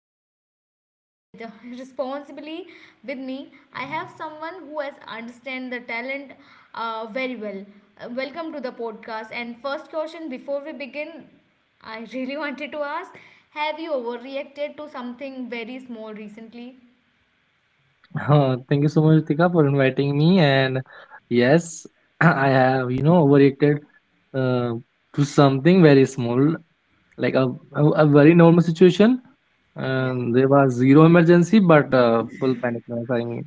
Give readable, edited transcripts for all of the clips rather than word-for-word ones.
responsible with responsibly. With me I have someone who has understand the talent very well. Welcome to the podcast and first question before we begin, I really wanted to ask, have you overreacted to something very small recently? Thank you so much, Ritika, for inviting me. And yes, I have, overreacted uh, to something very small, like a very normal situation. Yeah. And there was zero emergency, but full panic. I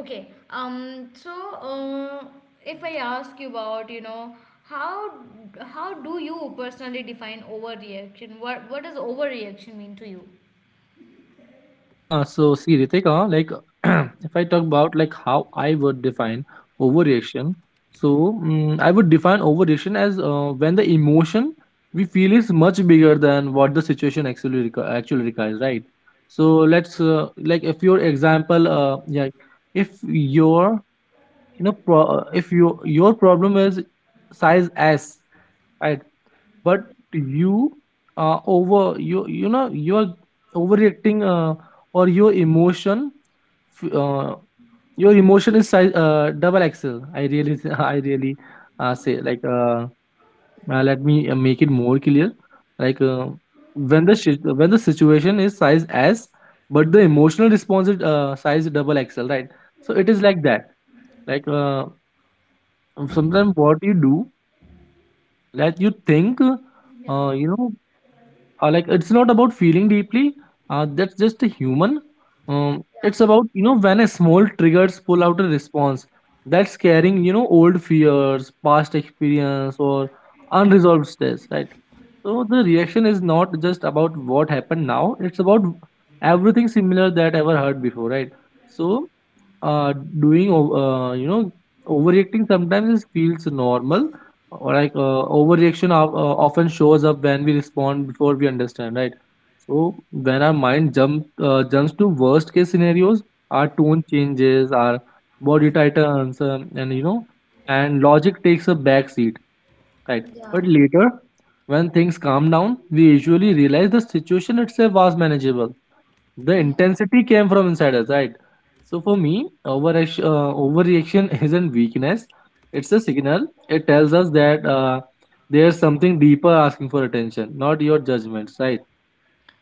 Okay. Um. So, uh, if I ask you about, you know, how how do you personally define overreaction? What does overreaction mean to you? So see, Ritik, like if I talk about like how I would define overreaction, so I would define overreaction as when the emotion we feel is much bigger than what the situation actually requires, right? So let's, like, if your example, yeah, if your if your problem is size S, right? But you you're overreacting, or your emotion f- uh, your emotion is size, double XL. I really I really say, like, let me, make it more clear. Like, when the situation is size S, but the emotional response is, size double XL, right? So it is like that. Like, sometimes what you do, that you think, Yeah. Like, it's not about feeling deeply. That's just a human. Yeah, It's about, when a small triggers pull out a response that's carrying, old fears, past experience, or unresolved stress, right? So the reaction is not just about what happened now. It's about everything similar that ever heard before, right? So, uh doing o- you know overreacting sometimes is feels normal. Or, like, overreaction of, often shows up when we respond before we understand, right? So when our mind jumps to worst case scenarios, our tone changes, our body tightens, and you know and logic takes a back seat, right? yeah, But later, when things calm down, we usually realize the situation itself was manageable. The intensity came from inside us, right? So for me, overreaction isn't weakness. It's a signal. It tells us that, there's something deeper asking for attention, not your judgments, right?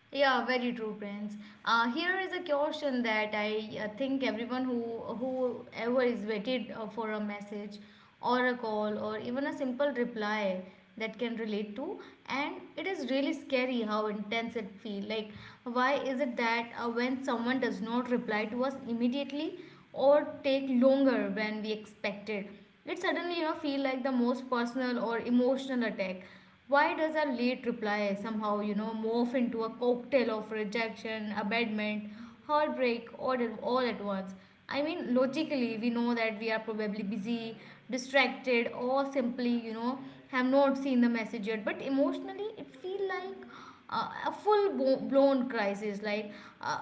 yeah, very true, Prince. Here is a question that I think everyone who whoever is waited for a message or a call or even a simple reply that can relate to, and it is really scary how intense it feel. Like, why is it that when someone does not reply to us immediately or take longer than we expected, it suddenly feel like the most personal or emotional attack? Why does our late reply somehow, you know, morph into a cocktail of rejection, abandonment, heartbreak, all at once? I mean, logically, we know that we are probably busy, distracted, or simply, you know, have not seen the message yet. But emotionally, it feels like a blown crisis. Like, uh,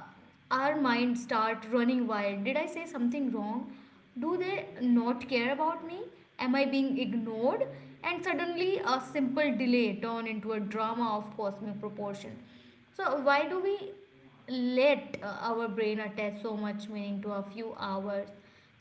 our mind start running wild. Did I say something wrong? Do they not care about me? Am I being ignored? And suddenly, a simple delay turn into a drama of cosmic proportion. So, why do we let our brain attach so much meaning to a few hours?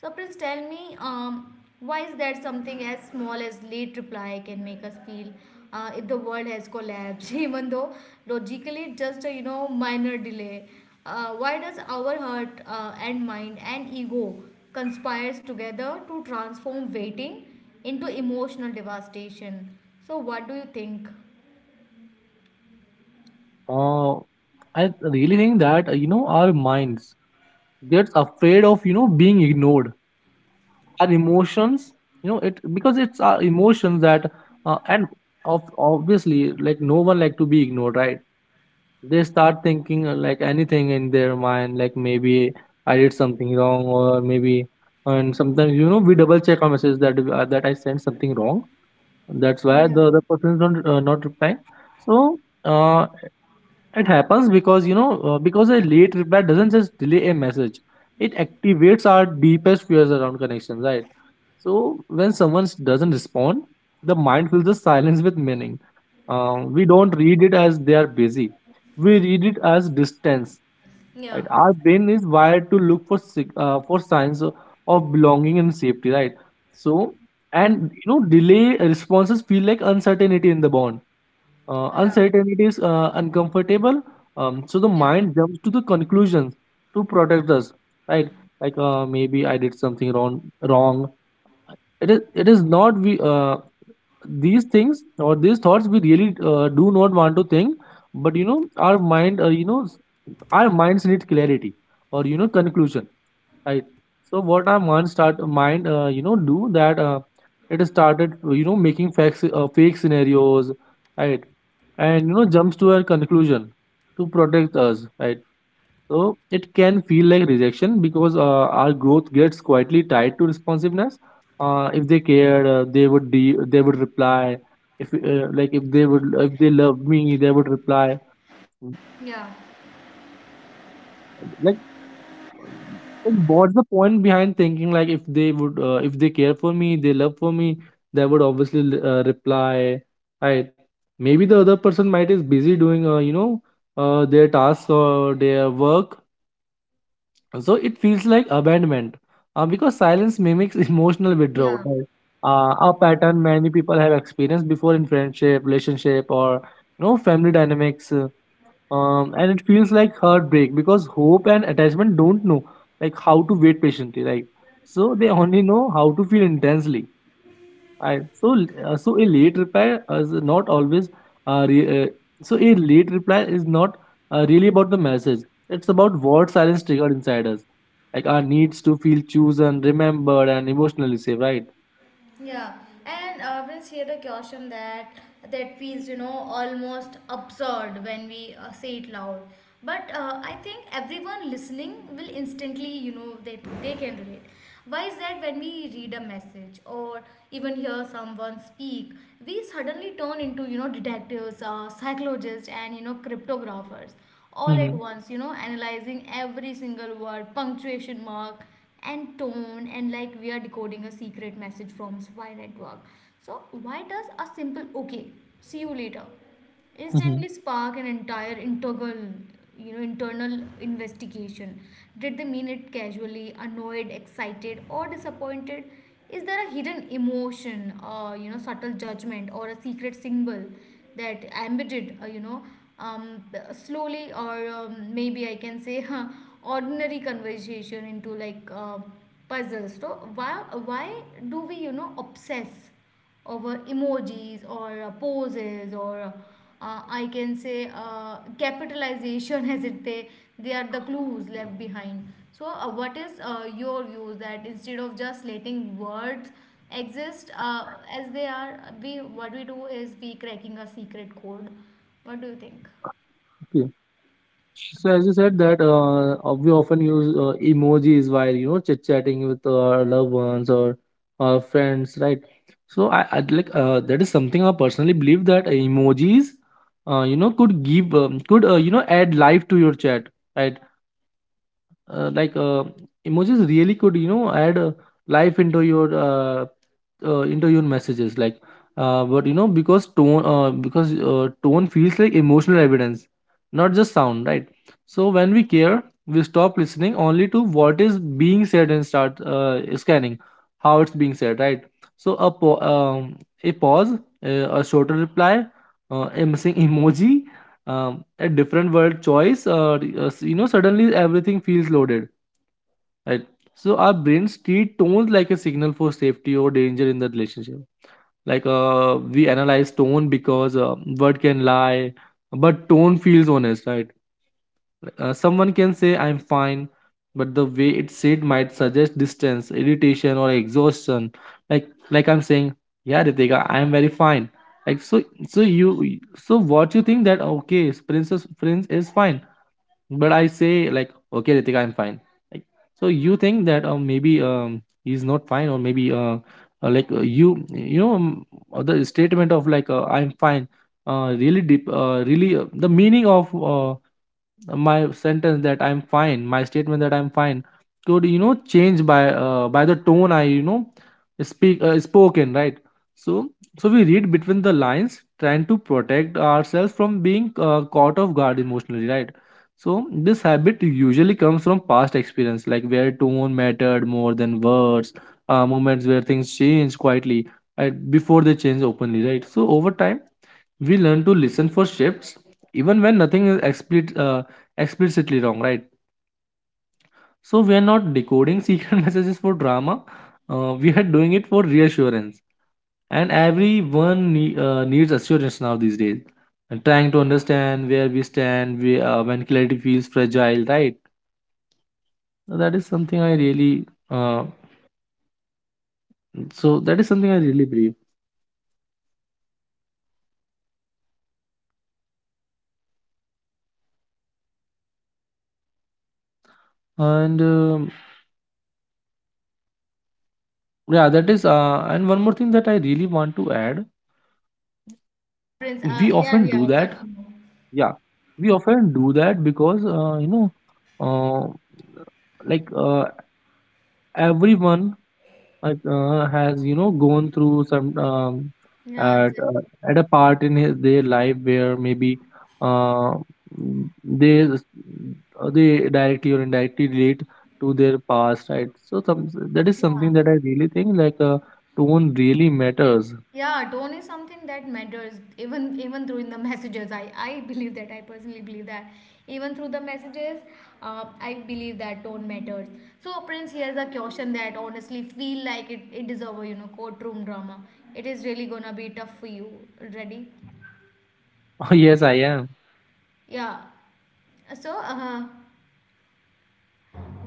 So please tell me, why is that something as small as late reply can make us feel if the world has collapsed, even though logically it's just a minor delay? Why does our heart and mind and ego conspires together to transform waiting into emotional devastation? So what do you think? Uh, I really think that, our minds gets afraid of being ignored. Our emotions, it, because it's our emotions that, and of, obviously, like, no one like to be ignored, right? They start thinking, like anything in their mind, like, maybe I did something wrong, or maybe. And sometimes, we double check our messages that, that I sent something wrong. That's why Yeah. the other person is not replying. So, it happens because, because a late reply doesn't just delay a message. It activates our deepest fears around connections, right? So when someone doesn't respond, the mind fills the silence with meaning. We don't read it as they are busy. We read it as distance. Yeah. Right? Our brain is wired to look for for signs of belonging and safety. Right. So, and you know delay responses feel like uncertainty in the bond. Uncertainty is, uncomfortable. So the mind jumps to the conclusions to protect us. Right. Like, maybe I did something wrong. Wrong, it is not. We These things, or these thoughts, we really, do not want to think. But, our mind, our minds need clarity, or, conclusion, right? So what our mind start mind you know do, that, it has started, making facts fake scenarios, right? And, jumps to a conclusion to protect us, right? So it can feel like rejection, because, our growth gets quietly tied to responsiveness. If they cared, they would they would reply. If, like, if they love me, they would reply. Yeah. Like, what's the point behind thinking, like, if they care for me, they love for me, they would obviously, reply. Right? Maybe the other person might is busy doing, their tasks or their work. So it feels like abandonment, because silence mimics emotional Yeah. withdrawal, right? A pattern many people have experienced before in friendship, relationship, or, family dynamics. And it feels like heartbreak because hope and attachment don't know, like, how to wait patiently. Right, so they only know how to feel intensely. I so so a late reply is not always, re, so a late reply is not, really about the message. It's about what silence triggered inside us, like our needs to feel chosen, remembered, and emotionally safe. Right? Yeah, and brings here the caution that feels you know almost absurd when we say it loud. But I think everyone listening will instantly you know that they can relate. Why is that when we read a message or even hear someone speak, we suddenly turn into you know detectives, psychologists, and you know cryptographers all at Mm-hmm. once. You know analyzing every single word, punctuation mark and tone, and like we are decoding a secret message from spy network. So why does a simple okay, see you later, Mm-hmm. instantly spark an entire integral, you know, internal investigation? Did they mean it casually, annoyed, excited, or disappointed? Is there a hidden emotion, you know, subtle judgment or a secret symbol that embedded, you know, um, slowly, or maybe I can say ordinary conversation into like, puzzles? So why why do we you know obsess over emojis or poses or I can say capitalization, as it they are the clues left behind. So what is your views, that instead of just letting words exist as they are, we what we do is we cracking a secret code. What do you think? So as you said, that, we often use, emojis while, chit chatting with our loved ones or our friends, right? So I'd like, that is something I personally believe, that emojis, could give, could you know add life to your chat, right? Like, emojis really could, add, life into your, into your messages. Like, but, because, tone feels like emotional evidence, not just sound, right? So when we care, we stop listening only to what is being said and start, scanning how it's being said, right? So a pause, a shorter reply, a missing emoji, a different word choice. Suddenly everything feels loaded, right? So our brains treat tones like a signal for safety or danger in the relationship. Like, we analyze tone because, word can lie, but tone feels honest, right? Someone can say I'm fine, but the way it's said might suggest distance, irritation, or exhaustion. Like, I'm saying, yeah, Ritika, I'm very fine, like. So, so you, what you think, that, okay, princess prince is fine, but I say, like, okay, Ritika, I'm fine. Like, so you think that, maybe, he's not fine, or maybe, like, you, the statement of, like, I'm fine, really deep, really the meaning of, my sentence that I'm fine my statement that I'm fine could, change by, by the tone I, speak spoken, right? So so we read between the lines, trying to protect ourselves from being, caught off guard emotionally, right? So this habit usually comes from past experience, like where tone mattered more than words, moments where things change quietly, right, before they change openly, right? So over time we learn to listen for shifts, even when nothing is explicitly wrong, right? So we are not decoding secret messages for drama, we are doing it for reassurance. And everyone, needs assurance now these days, and trying to understand where we stand, when clarity feels fragile, right? So that is something i really uh, so that is something I really believe. And Yeah, that is, and one more thing that I really want to add. Yeah, Prince. We Yeah, often yeah, do that. continue. Yeah, we often do that because, uh, like, everyone, has, gone through some, Yeah, at uh, exactly. at a part in his their life where, maybe, uh, mm, they s- they directly or indirectly relate to their past, right? So some, that is Yeah. something that I really think, like, tone really matters. Yeah, tone is something that matters even through in the messages. I believe that I personally believe that even through the messages, I believe that tone matters. So Prince, here's a question that honestly feel like it is our you know courtroom drama. It is really gonna be tough for you. Ready? Oh yes, I am. Yeah. So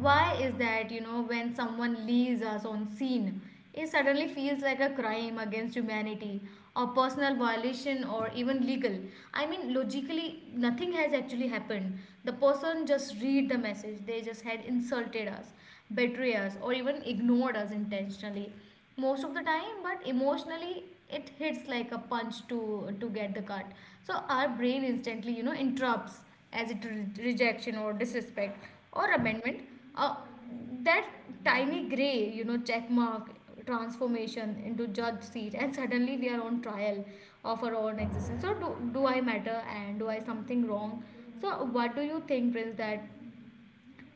why is that, you know, when someone leaves us on scene, it suddenly feels like a crime against humanity, a personal violation, or even legal? I mean, logically, nothing has actually happened. The person just read the message, they just had insulted us, betrayed us, or even ignored us intentionally most of the time, but emotionally it hits like a punch to get the cut. So our brain instantly you know interrupts as it rejection or disrespect or abandonment, uh, that tiny gray you know check mark transformation into judge seat, and suddenly we are on trial of our own existence. So do, do I matter and do I something wrong? So what do you think, Prince, that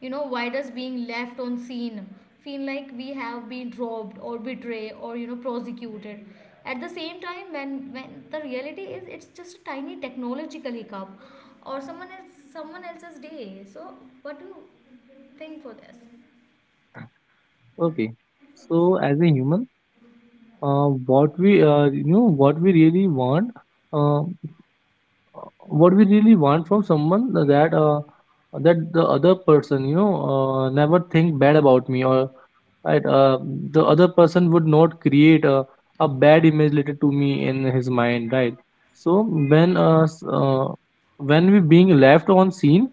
you know why does being left on scene feel like we have been robbed or betrayed or you know prosecuted at the same time, when the reality is it's just a tiny technological hiccup or someone else someone else's day. So what do you think for this? Okay, so as a human, what we really want, uh, what we really want from someone, that, that the other person, never think bad about me, or, right, the other person would not create a bad image related to me in his mind, right? So when uh, s- uh, when we being left on scene,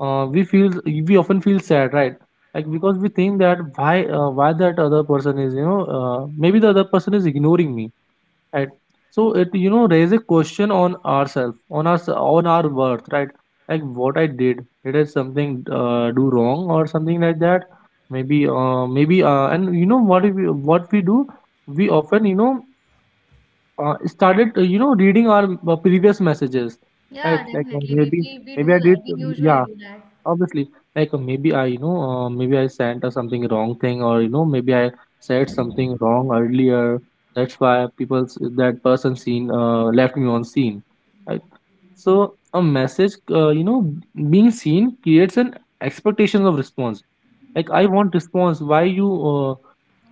we often feel sad, right? Like, because we think that, why that other person is, maybe the other person is ignoring me, right? So it, raise a question on ourselves, on our worth, right? Like, what I did I something, do wrong, or something like that. Maybe, and, what what we do. We often, started, reading our, previous messages, Yeah, right? Like, definitely. We, we maybe I do did. that. We usually Yeah. do that. Obviously, like, maybe I sent, something wrong thing, or, maybe I said something wrong earlier. That's why that person seen, left me on scene. Right? So a message, being seen creates an expectation of response. Like, I want response. Why you, uh,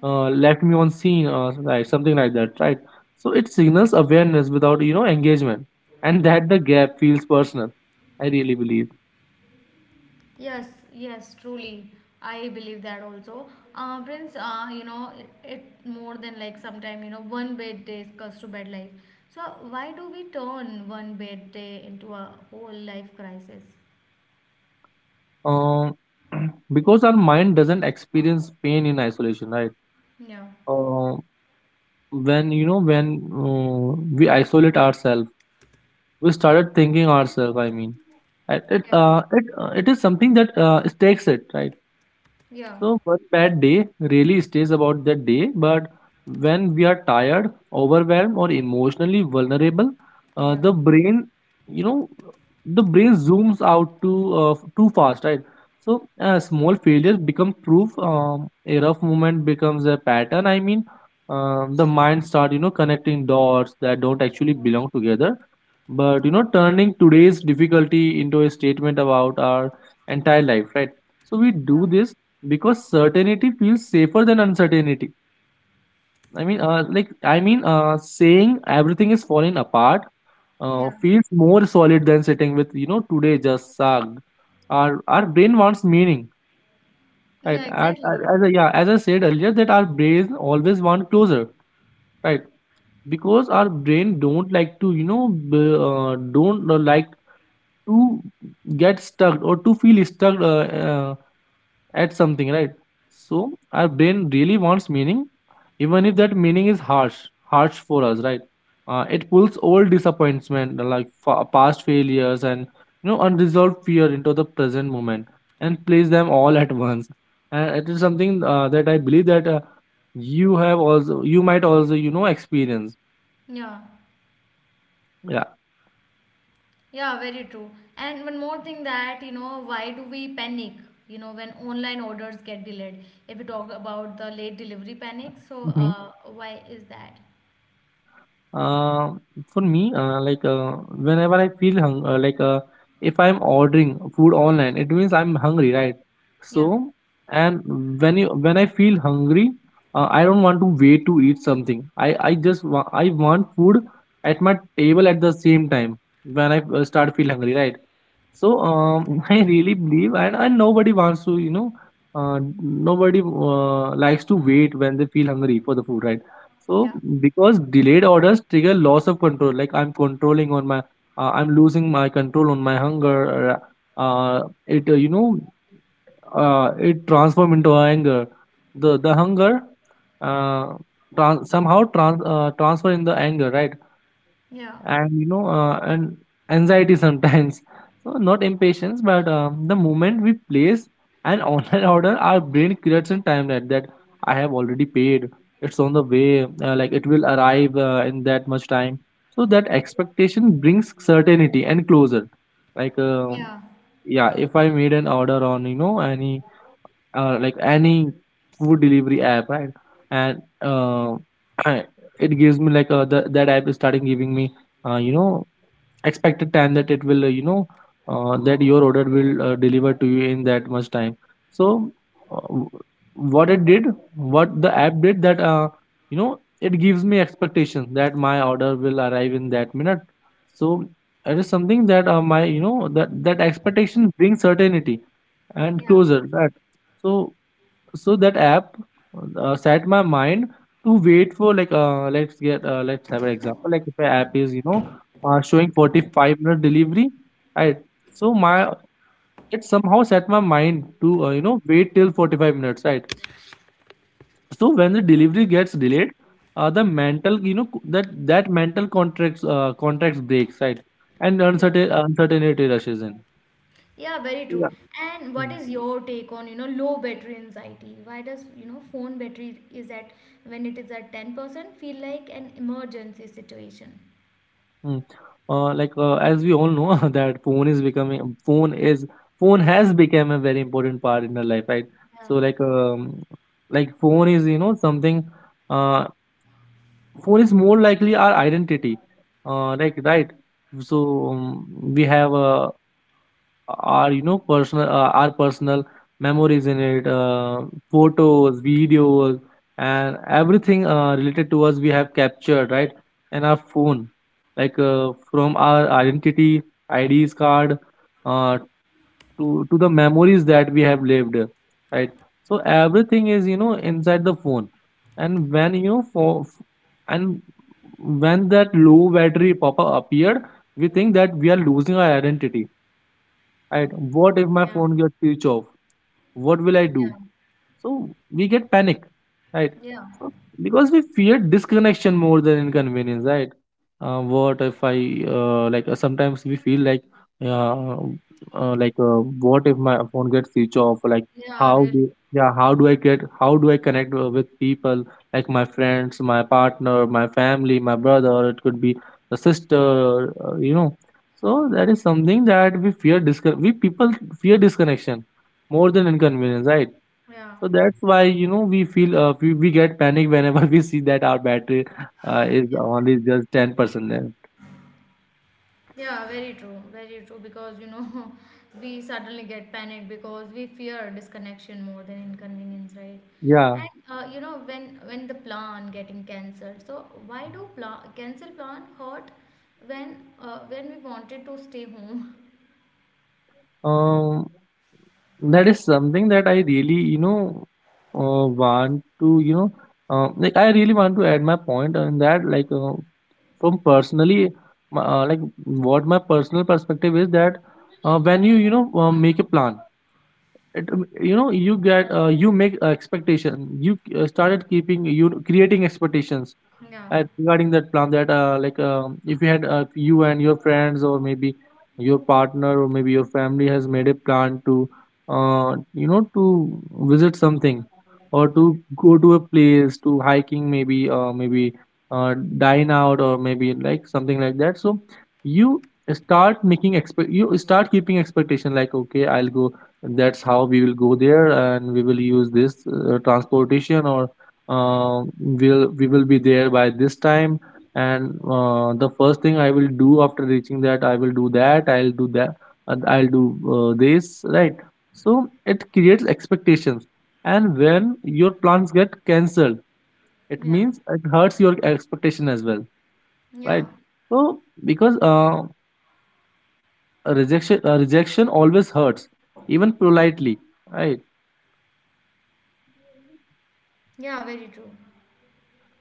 left me on scene? Right, something like that. Right. So it signals awareness without engagement, and that the gap feels personal. I really believe. Yes, yes, truly. I believe that also. Prince, you know, it more than like sometime, you know, one bad day comes to bad life. So why do we turn one bad day into a whole life crisis? uh, because our mind doesn't experience pain in isolation, right? Yeah. uh, when we isolate ourselves, we started thinking ourselves. It it, Yeah, uh, it, uh, it is something that it takes it, right? yeah, So one bad day really stays about that day, but when we are tired, overwhelmed, or emotionally vulnerable, yeah, the brain, you know, the brain zooms out too fast, right? So small failures become proof. A rough moment becomes a pattern. The mind start connecting dots that don't actually belong together, but turning today's difficulty into a statement about our entire life, right? So we do yeah. this because certainty feels safer than uncertainty. Saying everything is falling apart yeah, feels more solid than sitting with today just sucked. Our brain wants meaning, right? yeah, and, exactly. and as I said earlier, that our brain always want closure, right? Because our brain don't like to don't like to get stuck or to feel stuck uh, at something, right? So our brain really wants meaning, even if that meaning is harsh, harsh for us, right? It pulls old disappointment, past failures and unresolved fear into the present moment, and place them all at once. And it is something that I believe that you have also, you might also, experience. Yeah. Yeah. Yeah, very true. And one more thing that, you know, why do we panic, you know, when online orders get delayed? If we talk about the late delivery panic, so why is that? Uh, for me, whenever I feel hung, like if I'm ordering food online, it means I'm hungry, right? Yeah, So, and when I feel hungry, I don't want to wait to eat something. I just I want food at my table at the same time when I start feel hungry, right? So I really believe, and nobody wants to, nobody likes to wait when they feel hungry for the food, right? So yeah, because delayed orders trigger loss of control, like I'm controlling on my, I'm losing my control on my hunger. Uh, uh, it uh, you know, it transform into anger. The hunger, uh, somehow transfer in the anger, right? yeah, And anxiety sometimes, so not impatience, but the moment we place an online order, our brain creates a timeline that I have already paid, it's on the way, it will arrive in that much time. So that expectation brings certainty and closer. like um yeah, yeah, if I made an order on any any food delivery app, right? And it gives me that app is starting giving me uh, you know expected time that it will, that your order will deliver to you in that much time. So uh, w- what it did, what the app did, that it gives me expectation that my order will arrive in that minute. So it is something that my you know that that expectation brings certainty and yeah, closer that. So, so that app set my mind to wait for let's have an example, like if an app is showing 45-minute delivery, right? So my, it somehow set my mind to wait till 45 minutes, right? So when the delivery gets delayed, the mental that mental contracts breaks, right? And yeah. Uncertainty rushes in. Yeah, very true. Yeah. And what is your take on, you know, low battery anxiety? Why does, you know, phone battery is at, when it is at 10%, feel like an emergency situation? Mm. As we all know, that phone is becoming, phone has become a very important part in our life, right? Yeah, So phone is something, uh phone is more likely our identity, right? So we have a, our you know personal our personal memories in it, photos, videos, and everything related to us we have captured, right, in our phone. From our identity IDs card, uh, to the memories that we have lived, right? So everything is inside the phone. And when you know for and when that low battery pop-up appeared, we think that we are losing our identity. And what if my yeah, phone gets switched off? What will I do? So we get panic, right? yeah, yeah, So because we fear disconnection more than inconvenience, right? What if I, sometimes we feel like, uh, uh, like uh, what if my phone gets switched off? Like yeah, how really. do, yeah, how do I get, how do I connect with people, like my friends, my partner, my family, my brother? It could be the sister, So that is something that we people fear disconnection more than inconvenience, right? Yeah, So that's why we feel we get panic whenever we see that our battery is yeah. only just 10% left. Yeah, very true, very true. Because you know, we suddenly get panicked because we fear disconnection more than inconvenience, right? Yeah, And you know, when the plan getting cancelled, so why do plan cancel plan hurt when we wanted to stay home? um, that is something that I really want to I really want to add my point on that, from personally, what my personal perspective is that when you know make a plan, it, you know you get you make expectation, you started keeping, you creating expectations Yeah, at, regarding that plan, that if you had you and your friends, or maybe your partner, or maybe your family has made a plan to to visit something, or to go to a place, to hiking, maybe, dine out, or maybe like something like that. So you start making expect you start keeping expectation, like okay, I'll go, that's how we will go there, and we will use this transportation, or we will be there by this time, and the first thing I will do after reaching, that I will do, that I'll do that, I'll do this, right? So it creates expectations, and when your plans get cancelled, it yeah, means it hurts your expectation as well, yeah, right? So because a rejection always hurts, even politely, right? yeah. Very true.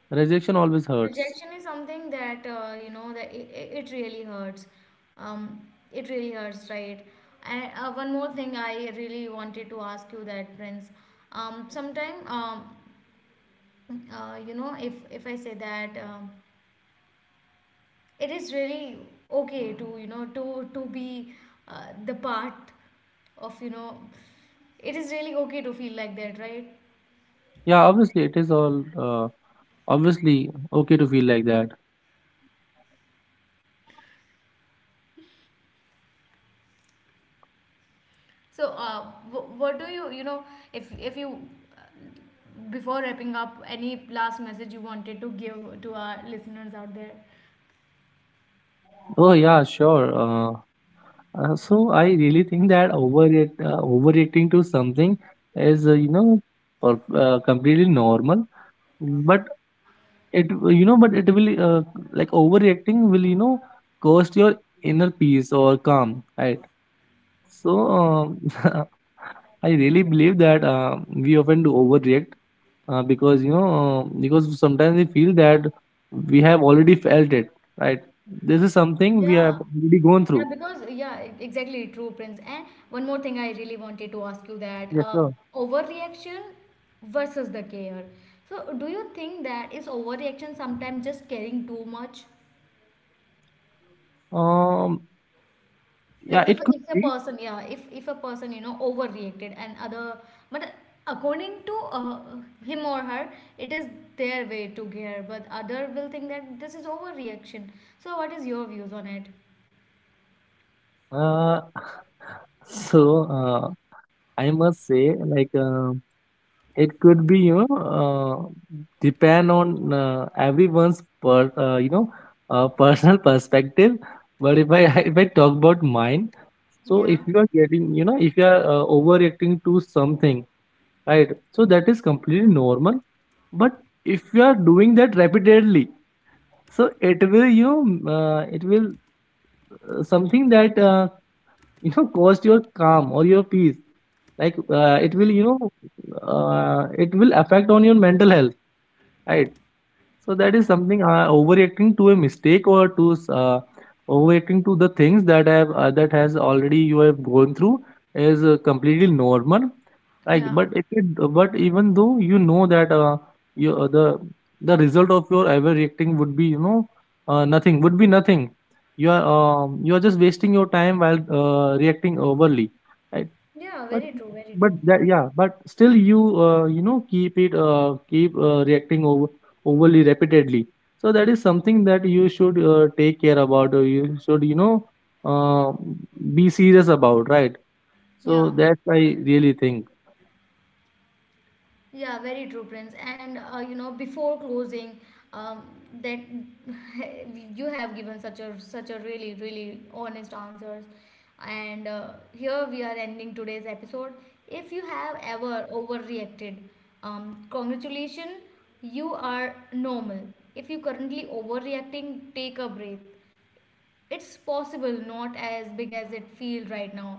Rejection always hurts. Rejection is something that you know that it really hurts. Um, it really hurts, right? And one more thing, I really wanted to ask you that, Prince. Sometime, you know, if I say that, it is really okay to you know to be the part of you know, it is really okay to feel like that, right? Yeah, obviously it is all obviously okay to feel like that. So, what do you you know if you before wrapping up, any last message you wanted to give to our listeners out there? Oh yeah, sure. So I really think that overreacting to something is completely normal, but it you know but it will, overreacting will cost your inner peace or calm, right? So I really believe that we often do overreact, because because sometimes we feel that we have already felt it, right? This is something we have Yeah. already gone Yeah, through. because yeah, exactly true, Prince. And one more thing I really wanted to ask you that Yes, sir. overreaction versus the care. So, do you think that is overreaction sometimes just caring too much? um Like yeah, it could if a be. person, yeah, if a person, you know, overreacted and other, but according to him or her, it is their way to gear, but other will think that this is overreaction. So what is your views on it? Uh so uh, I must say, it could be, depend on everyone's uh, you know personal perspective. But if I if I talk about mine, so Yeah, if you are getting you know if you are overreacting to something, right, so that is completely normal. But if you are doing that repeatedly, so it will, it will something that cost your calm or your peace, it will, yeah, it will affect on your mental health, right? So that Yeah, is something, overreacting to a mistake, or to overreacting to the things that have that has already, you have gone through is completely normal. Like, yeah, but if it, but even though you know that you the result of your overreacting would be, nothing, would be nothing. You are, you are just wasting your time while reacting overly. yeah. But Very true. Very but true. that, yeah, but still you you know keep it, keep reacting over, overly repeatedly. So that is something that you should, take care about, or you should, uh, be serious about, right? So Yeah. that's I really think. Yeah, very true, Prince. And you know, before closing, um, that you have given such a such a really really honest answers, and here we are ending today's episode. If you have ever overreacted, congratulations, you are normal. If you currently overreacting, take a breath, it's possible not as big as it feels right now.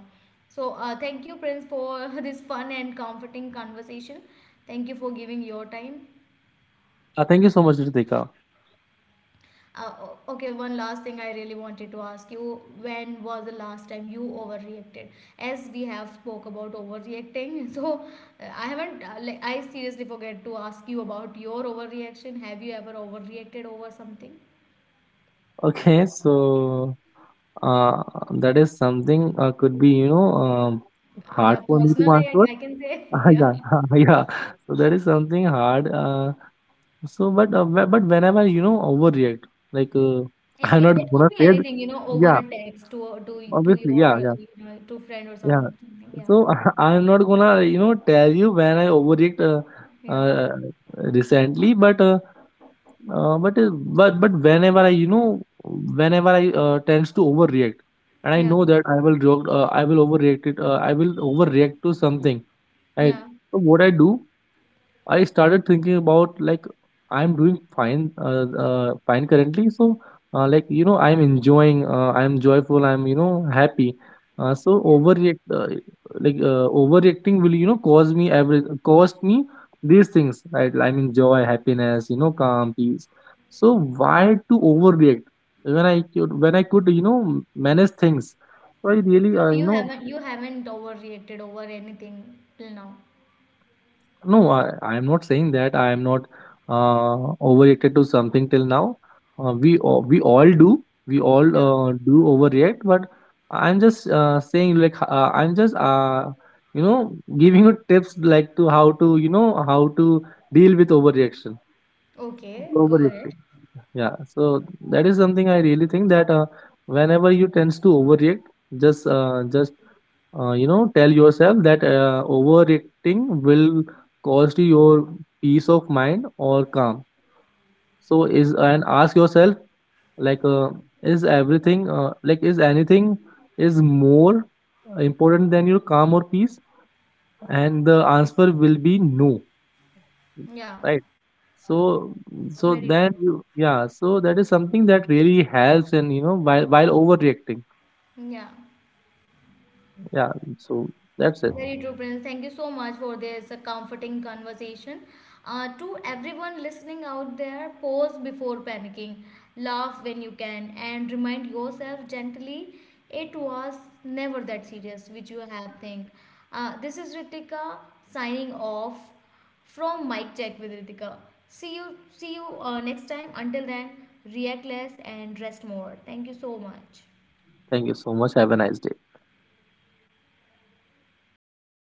So thank you, Prince, for this fun and comforting conversation. Thank you for giving your time. Thank you so much, Ritika. Uh, okay, one last thing I really wanted to ask you, when was the last time you overreacted, as we have spoke about overreacting? So I haven't like I seriously forget to ask you about your overreaction, have you ever overreacted over something? Okay, so uh, that is something, could be, Uh, hard yeah, for me to personal, answer. I can say. Ah Yeah, yeah, yeah. So that is something hard. But but whenever overreact, like uh, Yeah, I'm it, not it gonna could be say, anything, you know, over yeah, a text to obviously, your yeah, yeah, you know to friend or yeah. something. Yeah, So I'm not gonna tell you when I overreact yeah, uh, recently, but whenever I, whenever I tends to overreact, and I yeah, know that I will overreact it, I will overreact to something, right? yeah, So what I do, I started thinking about like I'm doing fine, fine currently. So, I'm enjoying, I'm joyful, I'm, happy. So yeah. Overreacting will, cause me every, cost me these things, right? I mean joy, happiness, calm, peace. So why to overreact when I could, when I could, manage things? So I really, So you haven't, you haven't overreacted over anything till now. no, I am not saying that. I am not overreacted to something till now. We all do. We all Yeah. Do overreact, but I'm just saying, like h- I'm just you know giving you tips like to how to, how to deal with overreaction. Okay, go ahead. Overreacting. Yeah. So that is something I really think, that whenever you tends to overreact, just, you know tell yourself that overreacting will cost you your peace of mind or calm. So is and ask yourself, like uh, is everything, is anything is more important than your calm or peace? And the answer will be no, Yeah, right? So, so very then true. you, yeah, so that is something that really helps, and you know while overreacting. Yeah. Yeah. So that's it. Very true, Prince. Thank you so much for this comforting conversation. To everyone listening out there, pause before panicking, laugh when you can, and remind yourself gently it was never that serious, which you have think. This is Ritika signing off from Mike Check with Ritika. See you next time. Until then, react less and rest more. Thank you so much. Thank you so much, have a nice day.